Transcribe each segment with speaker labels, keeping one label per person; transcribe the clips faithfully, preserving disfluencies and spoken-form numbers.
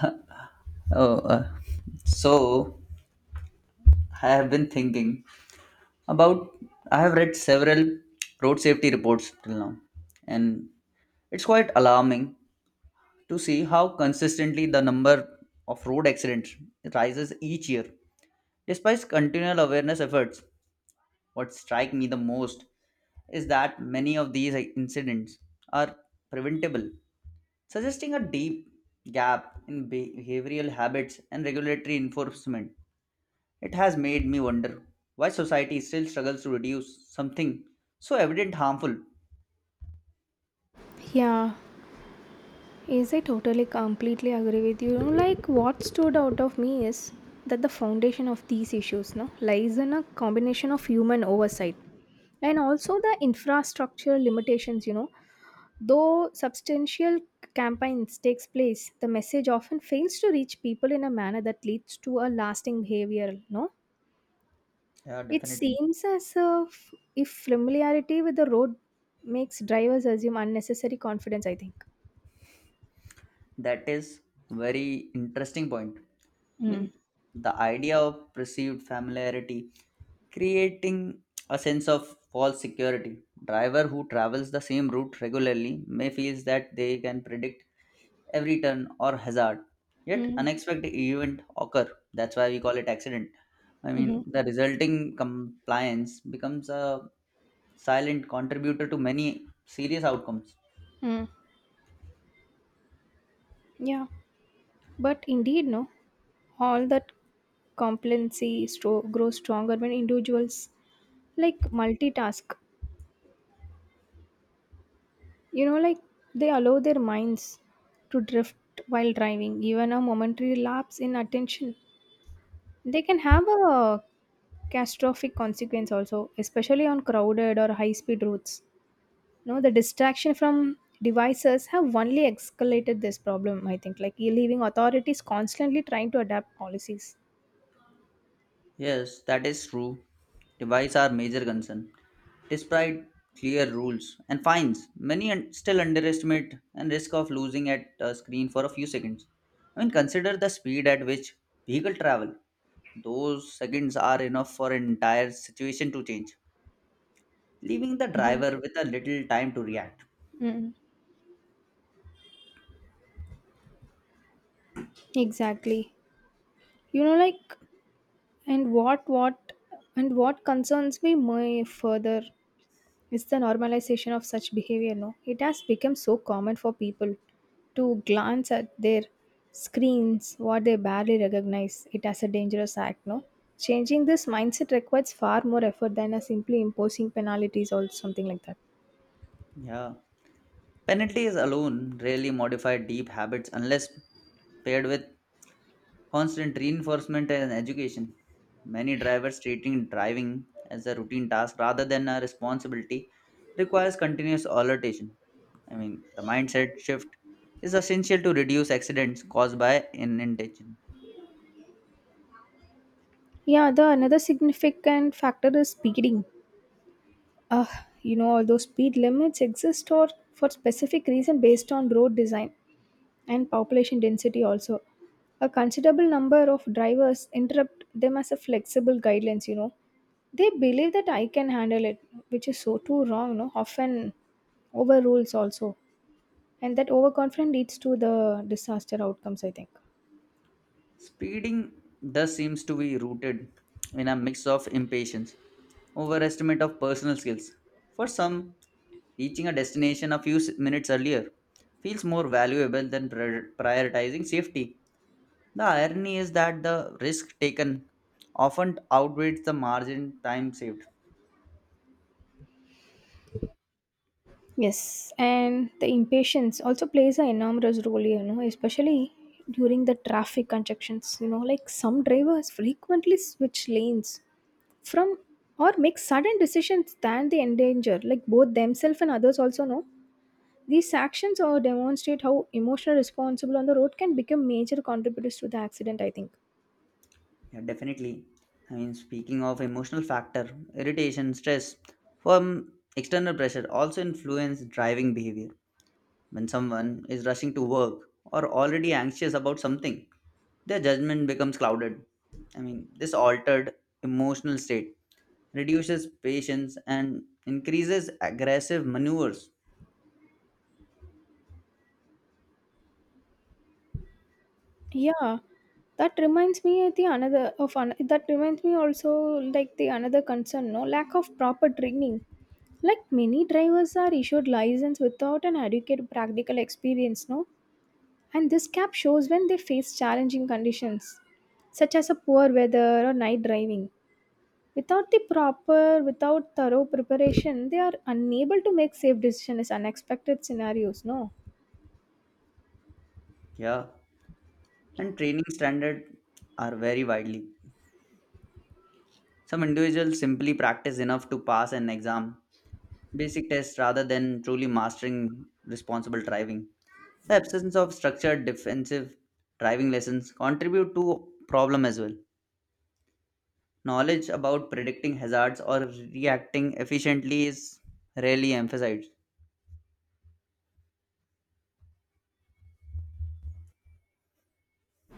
Speaker 1: Oh, uh, so I have been thinking about. I have read several road safety reports till now, and it's quite alarming to see how consistently the number of road accidents rises each year. Despite continual awareness efforts, what strikes me the most is that many of these incidents are preventable, suggesting a deep gap in behavioral habits and regulatory enforcement. It has made me wonder why society still struggles to reduce something so evident harmful.
Speaker 2: Yeah, yes, I totally completely agree with you. You know, Like, what stood out of me is that the foundation of these issues, no, lies in a combination of human oversight and also the infrastructure limitations. You know, though substantial campaigns takes place, the message often fails to reach people in a manner that leads to a lasting behavior. No,
Speaker 1: Yeah,
Speaker 2: it
Speaker 1: definitely.
Speaker 2: seems as if if familiarity with the road makes drivers assume unnecessary confidence. I think.
Speaker 1: That is very interesting point. I
Speaker 2: Mm.
Speaker 1: mean, the idea of perceived familiarity creating a sense of false security. Driver who travels the same route regularly may feels that they can predict every turn or hazard. Yet
Speaker 2: Mm.
Speaker 1: unexpected event occur. That's why we call it accident. I
Speaker 2: Mhm.
Speaker 1: mean, the resulting compliance becomes a silent contributor to many serious outcomes.
Speaker 2: Mm. Yeah, but indeed, no, all that complacency stro- grows stronger when individuals like multitask. You know, like they allow their minds to drift while driving. Even a momentary lapse in attention, they can have a catastrophic consequence also, especially on crowded or high-speed roads. No, the distraction from devices have only escalated this problem. I think, like leaving authorities constantly trying to adapt policies.
Speaker 1: Yes, that is true. Device are major concern. Despite clear rules and fines, many un- still underestimate and risk of losing at a screen for a few seconds. I mean, consider the speed at which vehicle travel. Those seconds are enough for an entire situation to change, leaving the driver with a little time to react.
Speaker 2: Mm, exactly. You know, like, and what, what, and what concerns me more further is the normalization of such behavior. No, it has become so common for people to glance at their screens, what they barely recognize it as a dangerous act. No, changing this mindset requires far more effort than a simply imposing penalties or something like that.
Speaker 1: Yeah. Penalties alone rarely modify deep habits unless paired with constant reinforcement and education. Many drivers treating driving as a routine task rather than a responsibility requires continuous alertation. I mean, the mindset shift is essential to reduce accidents caused by inattention.
Speaker 2: Yeah, the another significant factor is speeding Ugh, you know, although speed limits exist or for specific reason based on road design and population density also. A considerable number of drivers interrupt them as a flexible guidelines, you know. They believe that I can handle it, which is so too wrong, you know, often overrules also. And that overconfidence leads to the disaster outcomes, I think.
Speaker 1: Speeding thus seems to be rooted in a mix of impatience, overestimate of personal skills. For some, reaching a destination a few s- minutes earlier feels more valuable than prior- prioritizing safety. The irony is that the risk taken often outweighs the margin time saved.
Speaker 2: Yes, and the impatience also plays an enormous role, you know, especially during the traffic congestions. You know, like some drivers frequently switch lanes from or make sudden decisions that they endanger, like both themselves and others also know. These actions or demonstrate how emotional responsible on the road can become major contributors to the accident, I think.
Speaker 1: Yeah, definitely. I mean, speaking of emotional factor, irritation, stress from external pressure also influence driving behavior. When someone is rushing to work or already anxious about something, their judgment becomes clouded. I mean, this altered emotional state reduces patience and increases aggressive maneuvers.
Speaker 2: Yeah, that reminds me of the another of an, that reminds me also like the another concern, no, lack of proper training. Like many drivers are issued license without an adequate practical experience, no, and this gap shows when they face challenging conditions, such as a poor weather or night driving. Without the proper, without thorough preparation, they are unable to make safe decisions in unexpected scenarios, no.
Speaker 1: Yeah. And training standards are vary widely. Some individuals simply practice enough to pass an exam, basic test rather than truly mastering responsible driving. The absence of structured defensive driving lessons contribute to problem as well. Knowledge about predicting hazards or reacting efficiently is rarely emphasized.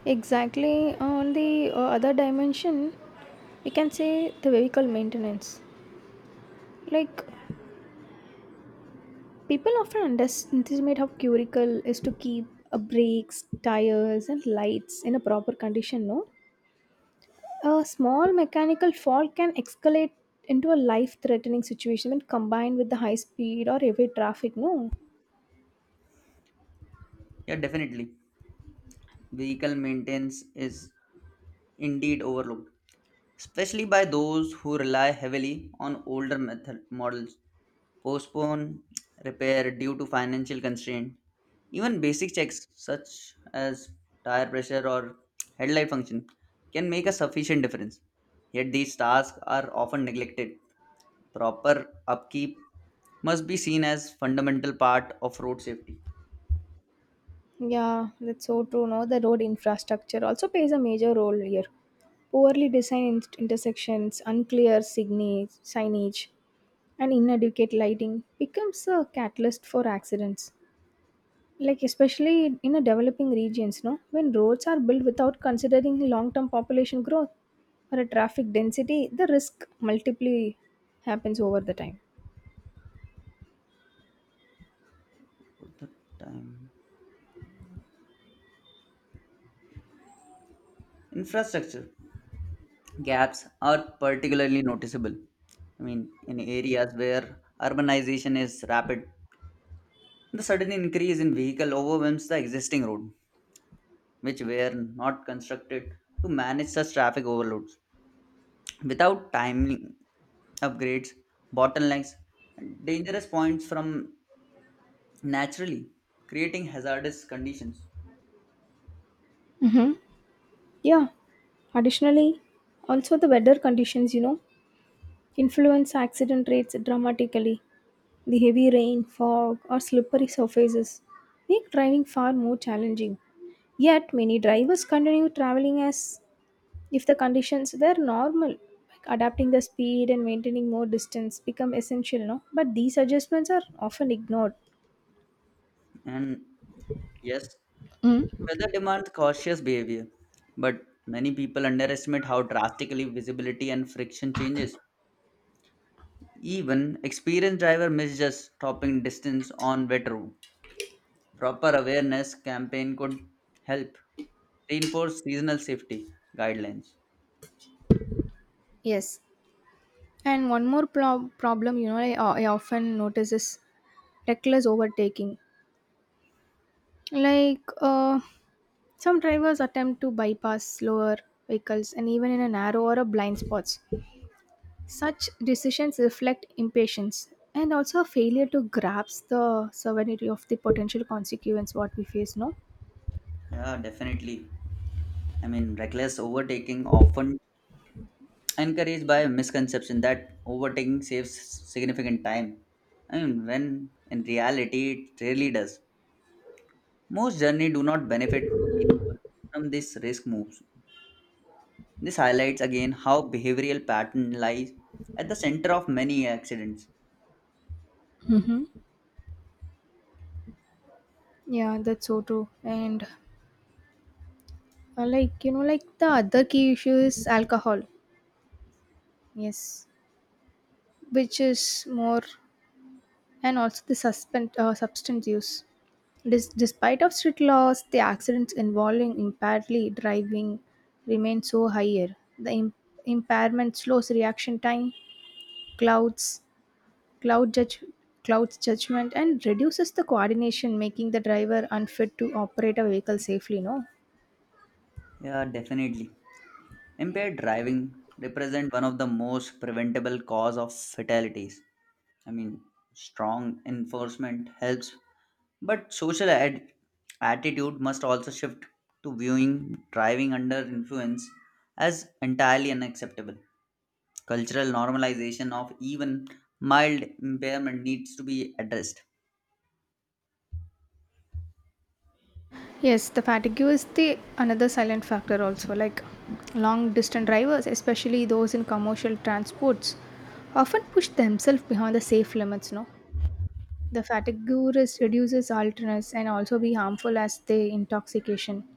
Speaker 2: Exactly. On the uh, other dimension, we can say the vehicle maintenance. Like people often underestimate how critical is to keep uh, brakes, tires, and lights in a proper condition. No, a small mechanical fault can escalate into a life-threatening situation when combined with the high speed or heavy traffic. No,
Speaker 1: Yeah, definitely. Vehicle maintenance is indeed overlooked, especially by those who rely heavily on older method models, postpone repair due to financial constraint. Even basic checks such as tire pressure or headlight function can make a sufficient difference. Yet these tasks are often neglected. Proper upkeep must be seen as fundamental part of road safety.
Speaker 2: yeah, that's so true. No, the road infrastructure also plays a major role here. Poorly designed in- intersections, unclear signage, signage, and inadequate lighting becomes a catalyst for accidents. Like especially in a developing regions, no, when roads are built without considering long-term population growth or a traffic density, the risk multiply happens over the time.
Speaker 1: For the time. Infrastructure gaps are particularly noticeable. I mean, in areas where urbanization is rapid, the sudden increase in vehicle overwhelms the existing road, which were not constructed to manage such traffic overloads. Without timely upgrades, bottlenecks, and dangerous points from naturally creating hazardous conditions.
Speaker 2: Mm-hmm. Yeah. Additionally, also the weather conditions, you know, Influence accident rates dramatically. The heavy rain, fog, or slippery surfaces make driving far more challenging. Yet, many drivers continue traveling as if the conditions were normal. Like adapting the speed and maintaining more distance become essential, no? But these adjustments are often ignored.
Speaker 1: And yes,
Speaker 2: Mm,
Speaker 1: weather demands cautious behavior, but many people underestimate how drastically visibility and friction changes. Even experienced driver miss just stopping distance on wet road. Proper awareness campaign could help reinforce seasonal safety guidelines.
Speaker 2: yes. And one more pro- problem, you know, I, I often notice is reckless overtaking. Like, uh, Some drivers attempt to bypass slower vehicles and even in a narrow or a blind spots. Such decisions reflect impatience and also a failure to grasp the severity of the potential consequence what we face, no?
Speaker 1: Yeah, definitely. I mean, reckless overtaking often encouraged by a misconception that overtaking saves significant time. I mean, when in reality it rarely does. Most journey do not benefit meaningful from this risk moves. This highlights again how behavioral pattern lies at the center of many accidents.
Speaker 2: Yeah, that's so true. And uh, like you know, like the other key issue is alcohol. Yes, which is more, and also the suspend uh, substance use. Dis- despite of strict laws, the accidents involving impairedly driving remain so higher. The im- impairment slows reaction time, clouds, cloud judge, clouds judgment, and reduces the coordination, making the driver unfit to operate a vehicle safely. No.
Speaker 1: Yeah, definitely. Impaired driving represent one of the most preventable cause of fatalities. I mean, strong enforcement helps, but social ad- attitude must also shift to viewing driving under influence as entirely unacceptable. Cultural normalization of even mild impairment needs to be addressed.
Speaker 2: Yes, the fatigue is the another silent factor also. Like long distance drivers, especially those in commercial transports, often push themselves behind the safe limits. No The fatigue risk reduces alertness and also be harmful as the intoxication.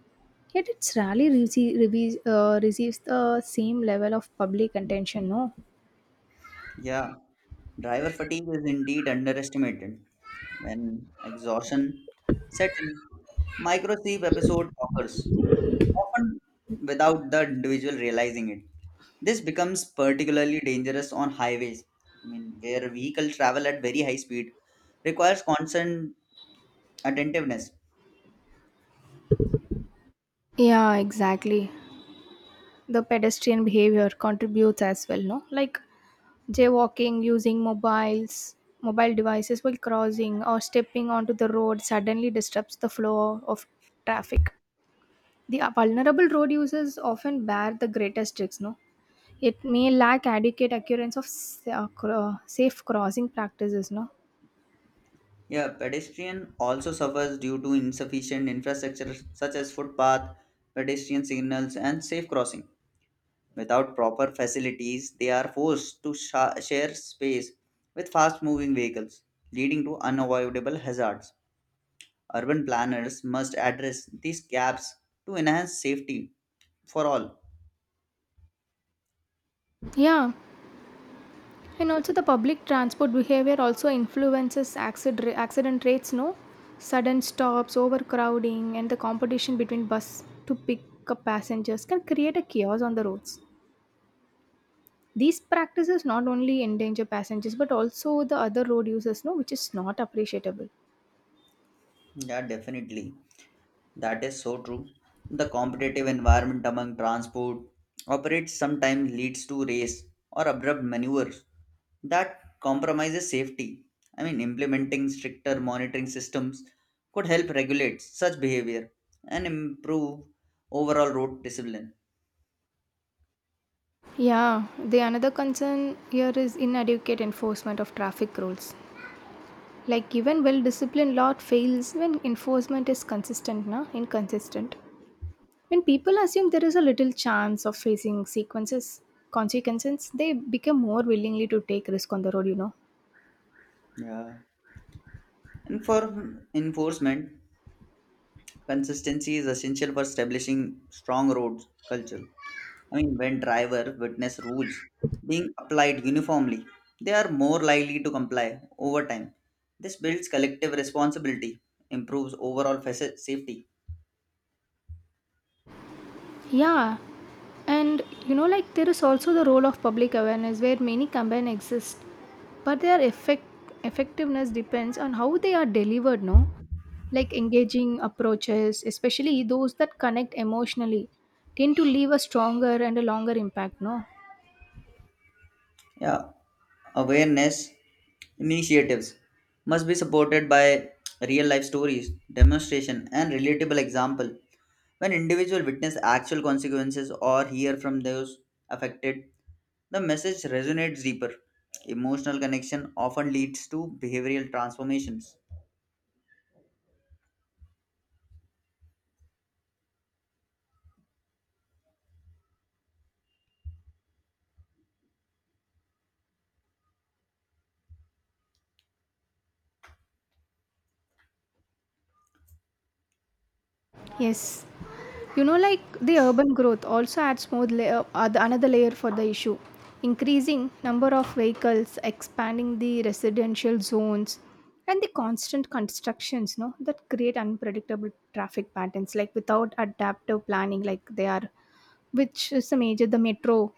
Speaker 2: Yet it's rarely rece- rebe- uh, receives the same level of public attention, no?
Speaker 1: Yeah, driver fatigue is indeed underestimated. When exhaustion sets in, micro sleep episode occurs, often without the individual realizing it. This becomes particularly dangerous on highways, I mean, where vehicle travel at very high speed requires constant attentiveness.
Speaker 2: Yeah, exactly. The pedestrian behavior contributes as well, no? Like jaywalking, using mobiles, mobile devices while crossing, or stepping onto the road suddenly disrupts the flow of traffic. The vulnerable road users often bear the greatest risks, no? It may lack adequate occurrence of s- uh, cro- safe crossing practices, no?
Speaker 1: Yeah, pedestrian also suffers due to insufficient infrastructure such as footpath, pedestrian signals, and safe crossing. Without proper facilities, they are forced to sha- share space with fast moving vehicles, leading to unavoidable hazards. Urban planners must address these gaps to enhance safety for all.
Speaker 2: Yeah, and also the public transport behavior also influences accident, accident rates, no? Sudden stops, overcrowding, and the competition between bus to pick up passengers can create a chaos on the roads. These practices not only endanger passengers but also the other road users, no, which is not appreciable.
Speaker 1: Yeah, definitely. That is so true. The competitive environment among transport operators sometimes leads to race or abrupt maneuvers that compromises safety. I mean, implementing stricter monitoring systems could help regulate such behavior and improve overall road discipline.
Speaker 2: Yeah, the another concern here is inadequate enforcement of traffic rules. Like even well-disciplined law fails when enforcement is consistent, na? Inconsistent. When people assume there is a little chance of facing sequences, consequences, they become more willingly to take risk on the road, you know.
Speaker 1: Yeah. And for enforcement, consistency is essential for establishing strong roads culture. I mean, when driver witness rules being applied uniformly, they are more likely to comply over time. This builds collective responsibility, improves overall faci- safety.
Speaker 2: Yeah, and you know, like there is also the role of public awareness where many campaigns exist, but their effect effectiveness depends on how they are delivered. No, like engaging approaches, especially those that connect emotionally, tend to leave a stronger and a longer impact. No.
Speaker 1: Yeah, awareness initiatives must be supported by real life stories, demonstration, and relatable example. When individual witness actual consequences or hear from those affected, the message resonates deeper. Emotional connection often leads to behavioral transformations.
Speaker 2: Yes. You know, like the urban growth also adds more layer, uh, the- another layer for the issue. Increasing number of vehicles, expanding the residential zones, and the constant constructions, no, that create unpredictable traffic patterns, like without adaptive planning, like they are, which is a major the metro,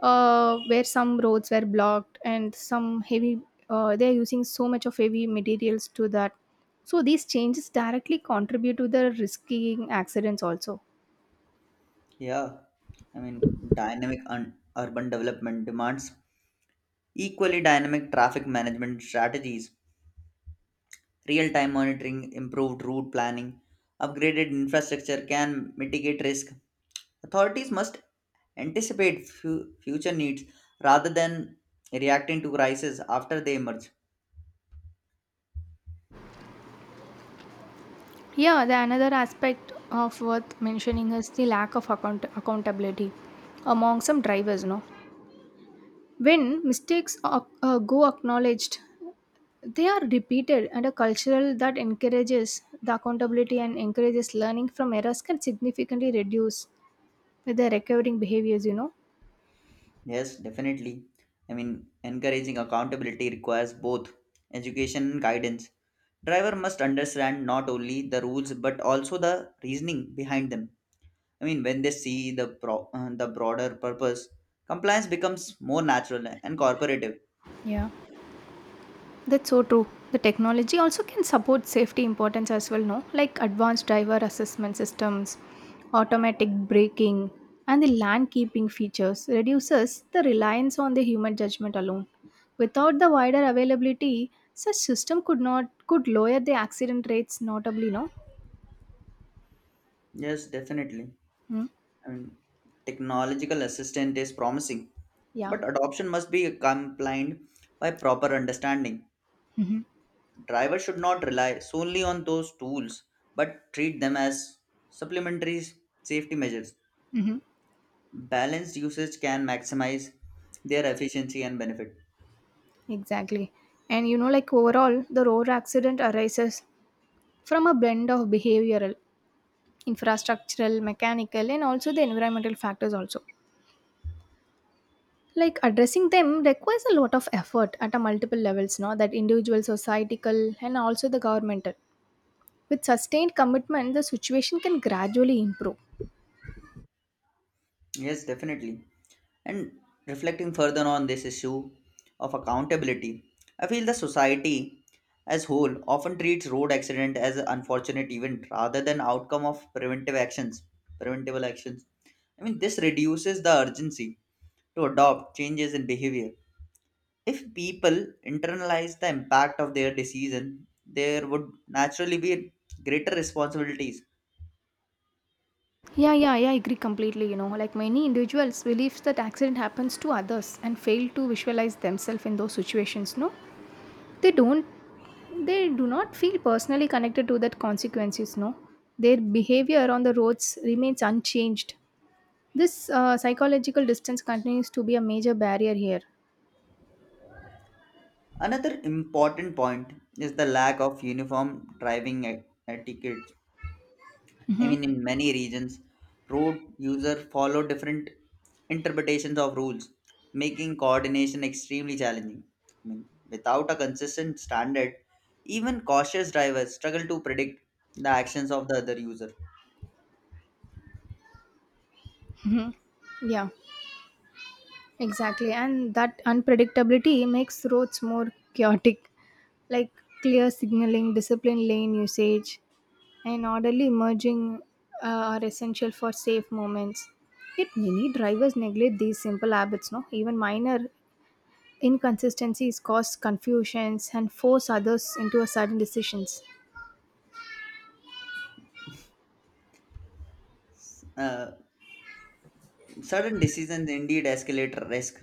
Speaker 2: uh, where some roads were blocked and some heavy, uh, they are using so much of heavy materials to that. So these changes directly contribute to the risking accidents also.
Speaker 1: Yeah, I mean, dynamic un- urban development demands equally dynamic traffic management strategies. Real time monitoring, improved route planning, upgraded infrastructure can mitigate risk. Authorities must anticipate fu- future needs rather than reacting to crises after they emerge.
Speaker 2: Yeah, the another aspect of worth mentioning is the lack of account- accountability among some drivers. No, when mistakes are, uh, go acknowledged, they are repeated, and a cultural that encourages the accountability and encourages learning from errors can significantly reduce the recovering behaviors. You know,
Speaker 1: Yes, definitely. I mean, encouraging accountability requires both education and guidance. Driver must understand not only the rules but also the reasoning behind them. I mean, when they see the pro- uh, the broader purpose, compliance becomes more natural and cooperative.
Speaker 2: Yeah. That's so true. The technology also can support safety importance as well, no? Like advanced driver assessment systems, automatic braking, and the land keeping features reduces the reliance on the human judgment alone. Without the wider availability, such system could not could lower the accident rates notably, no?
Speaker 1: Yes, definitely.
Speaker 2: Mm,
Speaker 1: I mean, technological assistant is promising,
Speaker 2: yeah.
Speaker 1: but adoption must be accompanied by proper understanding.
Speaker 2: Hmm.
Speaker 1: Drivers should not rely solely on those tools but treat them as supplementary safety measures.
Speaker 2: Hmm.
Speaker 1: Balanced usage can maximize their efficiency and benefit.
Speaker 2: Exactly. And you know, like overall, the road accident arises from a blend of behavioral infrastructural, mechanical, and also the environmental factors also. Like addressing them requires a lot of effort at a multiple levels, no? That individual, societal, and also the governmental. With sustained commitment, the situation can gradually improve.
Speaker 1: Yes, definitely. And reflecting further on this issue of accountability, I feel the society as whole often treats road accident as an unfortunate event rather than outcome of preventive actions, preventable actions. I mean, this reduces the urgency to adopt changes in behavior. If people internalize the impact of their decision, there would naturally be greater responsibilities.
Speaker 2: Yeah, yeah, yeah, I agree completely. You know, like many individuals believe that accident happens to others and fail to visualize themselves in those situations, no? They don't they do not feel personally connected to that consequences, no? Their behavior on the roads remains unchanged. This uh, psychological distance continues to be a major barrier here.
Speaker 1: Another important point is the lack of uniform driving e- etiquette. I mean, in many regions, road users follow different interpretations of rules, making coordination extremely challenging. I mean, without a consistent standard, even cautious drivers struggle to predict the actions of the other user.
Speaker 2: Yeah, exactly. And that unpredictability makes roads more chaotic, like clear signaling, disciplined lane usage, and orderly merging uh, are essential for safe moments. Yet many drivers neglect these simple habits, no? Even minor inconsistencies cause confusions and force others into a sudden decisions.
Speaker 1: Uh, Sudden decisions indeed escalate risk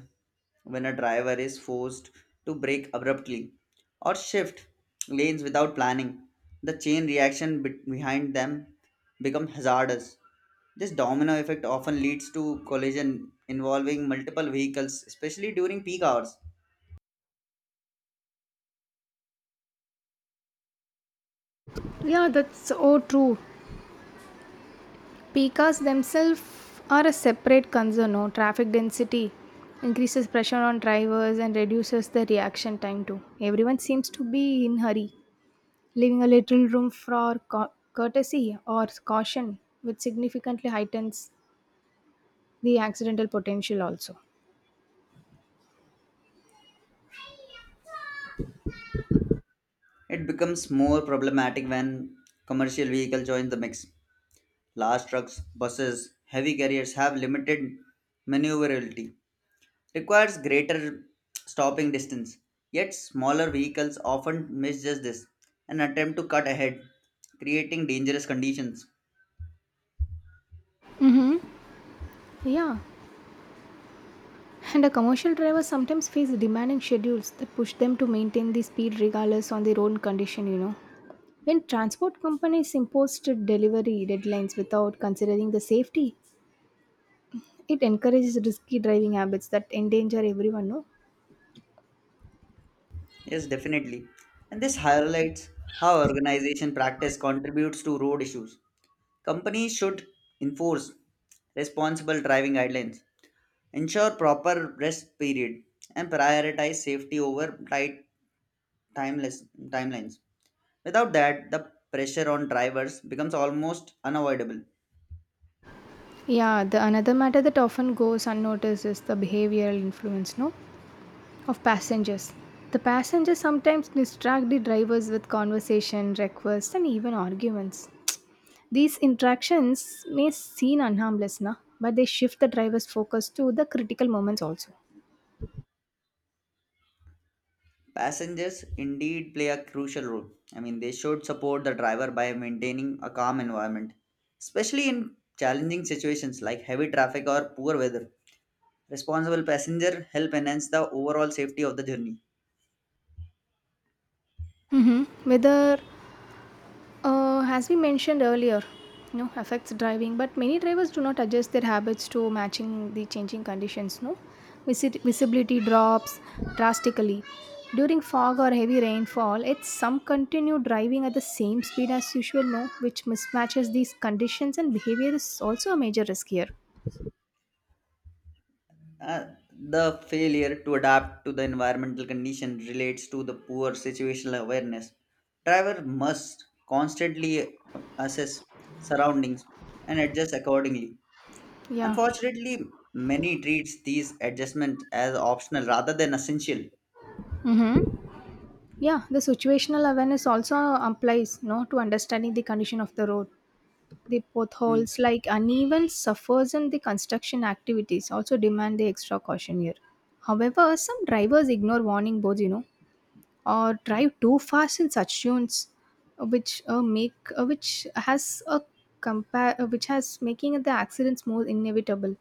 Speaker 1: when a driver is forced to brake abruptly or shift lanes without planning. The chain reaction be- behind them becomes hazardous. This domino effect often leads to collision involving multiple vehicles, especially during peak hours.
Speaker 2: Yeah, that's so true. Pikas themselves are a separate concern. No, traffic density increases pressure on drivers and reduces the reaction time too. Everyone seems to be in hurry, leaving a little room for co- courtesy or caution, which significantly heightens the accidental potential also.
Speaker 1: It becomes more problematic when commercial vehicles join the mix. Large trucks, buses, heavy carriers have limited maneuverability requires greater stopping distance. Yet smaller vehicles often miss just this and attempt to cut ahead, creating dangerous conditions.
Speaker 2: Yeah, and a commercial driver sometimes face demanding schedules that push them to maintain the speed regardless on their own condition, you know. When transport companies impose strict delivery deadlines without considering the safety, It encourages risky driving habits that endanger everyone, no?
Speaker 1: Yes, definitely. And this highlights how organization practice contributes to road issues. Companies should enforce responsible driving guidelines, ensure proper rest period, and prioritize safety over tight timeless timelines. Without that, the pressure on drivers becomes almost unavoidable.
Speaker 2: Yeah, the another matter that often goes unnoticed is the behavioral influence, no, of passengers. The passengers sometimes distract the drivers with conversation, requests, and even arguments. These interactions may seem unharmless, na, but they shift the driver's focus to the critical moments also.
Speaker 1: Passengers indeed play a crucial role. I mean, they should support the driver by maintaining a calm environment, especially in challenging situations like heavy traffic or poor weather. Responsible passenger help enhance the overall safety of the journey.
Speaker 2: Mm-hmm. Whether, Uh, as we mentioned earlier, you know, affects driving, but many drivers do not adjust their habits to matching the changing conditions. No, Visi- visibility drops drastically during fog or heavy rainfall. It's some continue driving at the same speed as usual. No, which mismatches these conditions and behavior is also a major risk here.
Speaker 1: Uh, the failure to adapt to the environmental condition relates to the poor situational awareness. Driver must constantly assess surroundings and adjust accordingly.
Speaker 2: Yeah.
Speaker 1: Unfortunately, many treats these adjustments as optional rather than essential.
Speaker 2: Mm-hmm. Yeah, the situational awareness also applies, no, to understanding the condition of the road. the
Speaker 1: Mm.
Speaker 2: potholes, like uneven surface and the construction activities also demand the extra caution here. However, some drivers ignore warning boards, you know, or drive too fast in such zones, uh, which uh, make uh, which has a compare uh, which has making the accidents more inevitable.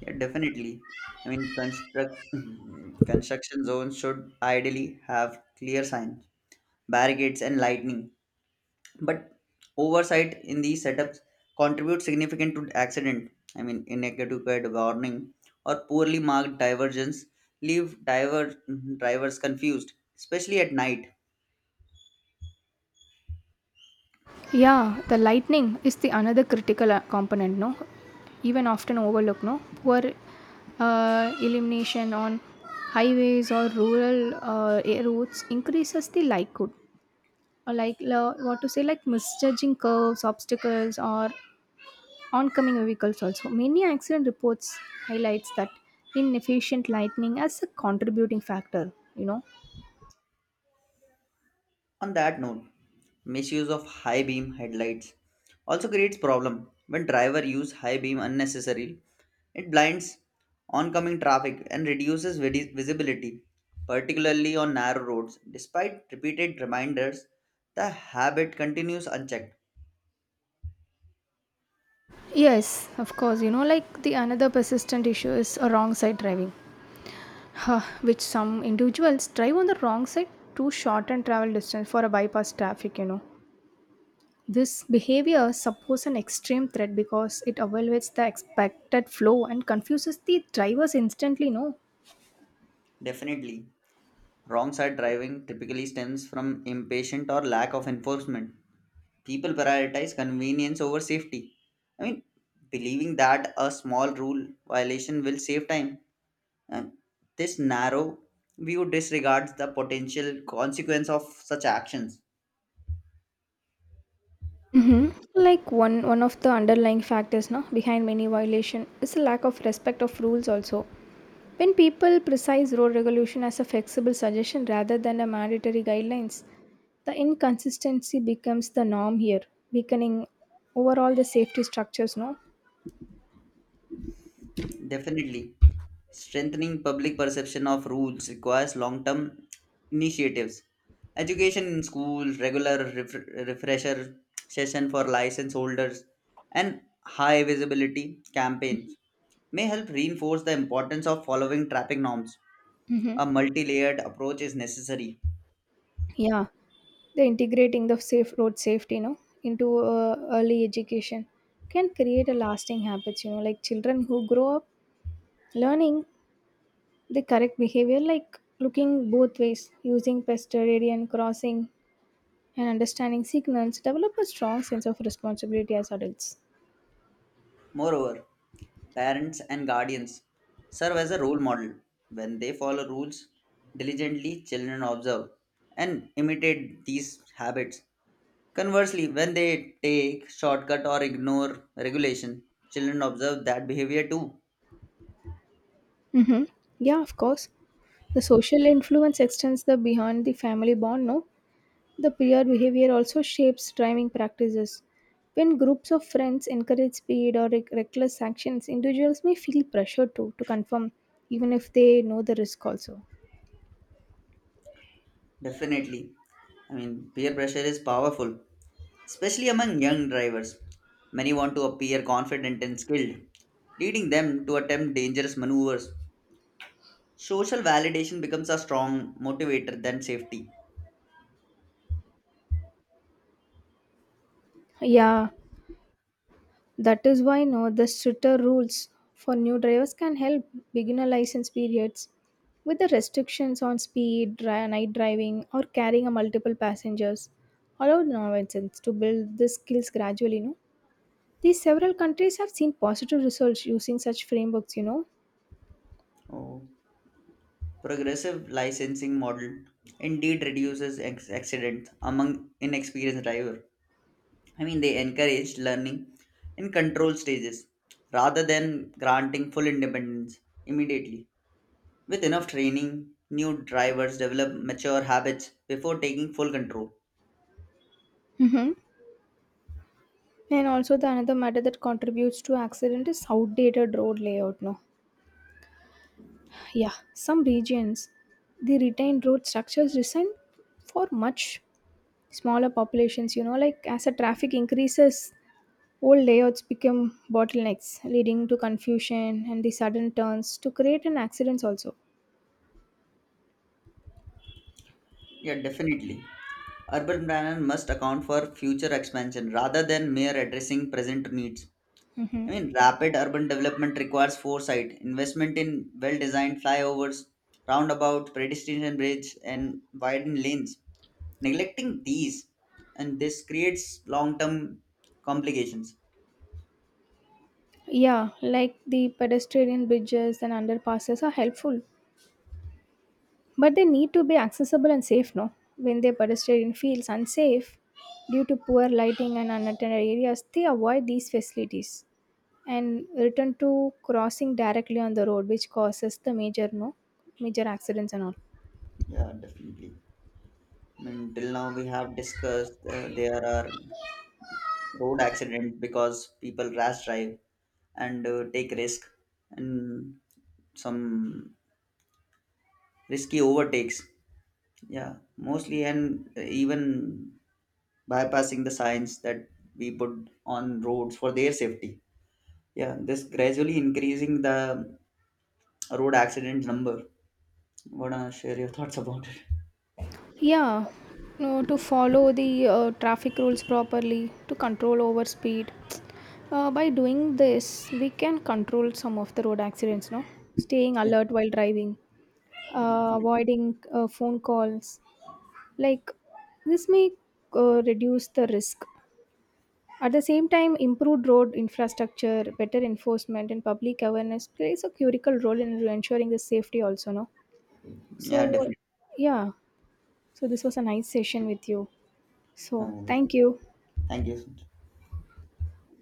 Speaker 1: Yeah, definitely. I mean, construct construction zones should ideally have clear signs, barricades, and lighting. But oversight in these setups contributes significant to accident. I mean, inadequate warning or poorly marked divergence leave diver drivers confused, especially at night.
Speaker 2: Yeah, the lightning is the another critical uh, component, no? Even often overlooked, no? Poor uh, illumination on highways or rural uh, air routes increases the likelihood, or like la- what to say, like misjudging curves, obstacles, or oncoming vehicles. Also, many accident reports highlights that inefficient lightning as a contributing factor. You know.
Speaker 1: On that note, misuse of high beam headlights also creates problem when driver use high beam unnecessarily. It blinds oncoming traffic and reduces vidi- visibility, particularly on narrow roads. Despite repeated reminders, the habit continues unchecked.
Speaker 2: Yes, of course. You know, like the another persistent issue is a wrong side driving. Huh, which some individuals drive on the wrong side to shorten travel distance for a bypass traffic, you know. This behavior supposes an extreme threat because it evaluates the expected flow and confuses the drivers instantly, no?
Speaker 1: Definitely, wrong side driving typically stems from impatient or lack of enforcement. People prioritize convenience over safety. I mean, believing that a small rule violation will save time. And this narrow view disregards the potential consequence of such actions.
Speaker 2: Mhm. Like one one of the underlying factors now behind many violation is a lack of respect of rules also. When people precise road regulation as a flexible suggestion rather than a mandatory guidelines, the inconsistency becomes the norm here, weakening overall the safety structures. No.
Speaker 1: Definitely. Strengthening public perception of rules requires long term initiatives. Education in school, regular ref- refresher session for license holders, and high visibility campaigns may help reinforce the importance of following traffic norms.
Speaker 2: hmm
Speaker 1: A multi layered approach is necessary.
Speaker 2: yeah, the integrating the safe road safety, no, into uh, early education can create a lasting habits. You know, like children who grow up learning The correct behavior, like looking both ways, using pesteridian crossing, and understanding signals, develop a strong sense of responsibility as adults.
Speaker 1: Moreover, parents and guardians serve as a role model. When they follow rules diligently, children observe and imitate these habits. Conversely, when they take shortcut or ignore regulation, children observe that behavior too.
Speaker 2: Mm-hmm. Yeah, of course. The social influence extends the beyond the family bond, no? The peer behavior also shapes driving practices. When groups of friends encourage speed or rec- reckless actions, individuals may feel pressure to to conform, even if they know the risk also.
Speaker 1: Definitely. I mean, peer pressure is powerful, especially among young drivers. Many want to appear confident and skilled, leading them to attempt dangerous maneuvers. Social validation becomes a strong motivator than safety.
Speaker 2: Yeah, That is why now the stricter rules for new drivers can help beginner license periods with the restrictions on speed, dri- night driving, or carrying a multiple passengers. Allow novices to build the skills gradually. No, these several countries have seen positive results using such frameworks. You know,
Speaker 1: Oh, progressive licensing model indeed reduces ex- accidents among inexperienced driver. I mean, they encourage learning in control stages rather than granting full independence immediately. With enough training, new drivers develop mature habits before taking full control.
Speaker 2: hmm and also the another matter that contributes to accident is outdated road layout. No, yeah, some regions they retain road structures designed for much smaller populations, you know like as the traffic increases, old layouts become bottlenecks leading to confusion and the sudden turns to create an accidents also.
Speaker 1: Yeah, definitely. Urban planning must account for future expansion rather than mere addressing present needs. I mean, rapid urban development requires foresight, investment in well designed flyovers, roundabout, pedestrian bridge, and widened lanes. Neglecting these, and this creates long term complications.
Speaker 2: Yeah, like the pedestrian bridges and underpasses are helpful, but they need to be accessible and safe, no? When the pedestrian feels unsafe due to poor lighting and unattended areas, they avoid these facilities and return to crossing directly on the road, which causes the major, no, major accidents and all.
Speaker 1: Yeah, definitely. I mean, till now we have discussed uh, there are road accidents because people rash drive and uh, take risk and some risky overtakes. Yeah, mostly and even bypassing the signs that we put on roads for their safety. Yeah, this gradually increasing the road accident number. Wanna share your thoughts about it?
Speaker 2: Yeah, no, to follow the uh, traffic rules properly, to control over speed. Uh, by doing this, we can control some of the road accidents, no? Staying
Speaker 1: Yeah,
Speaker 2: alert while driving, uh,
Speaker 1: definitely.
Speaker 2: avoiding uh, phone calls. Like, this may uh, reduce the risk. At the same time, improved road infrastructure, better enforcement, and public awareness plays a critical role in ensuring the safety, also, no?
Speaker 1: Yeah,
Speaker 2: So,
Speaker 1: definitely.
Speaker 2: yeah, so this was a nice session with you. So,
Speaker 1: Oh, yeah.
Speaker 2: thank you.
Speaker 1: Thank you so much.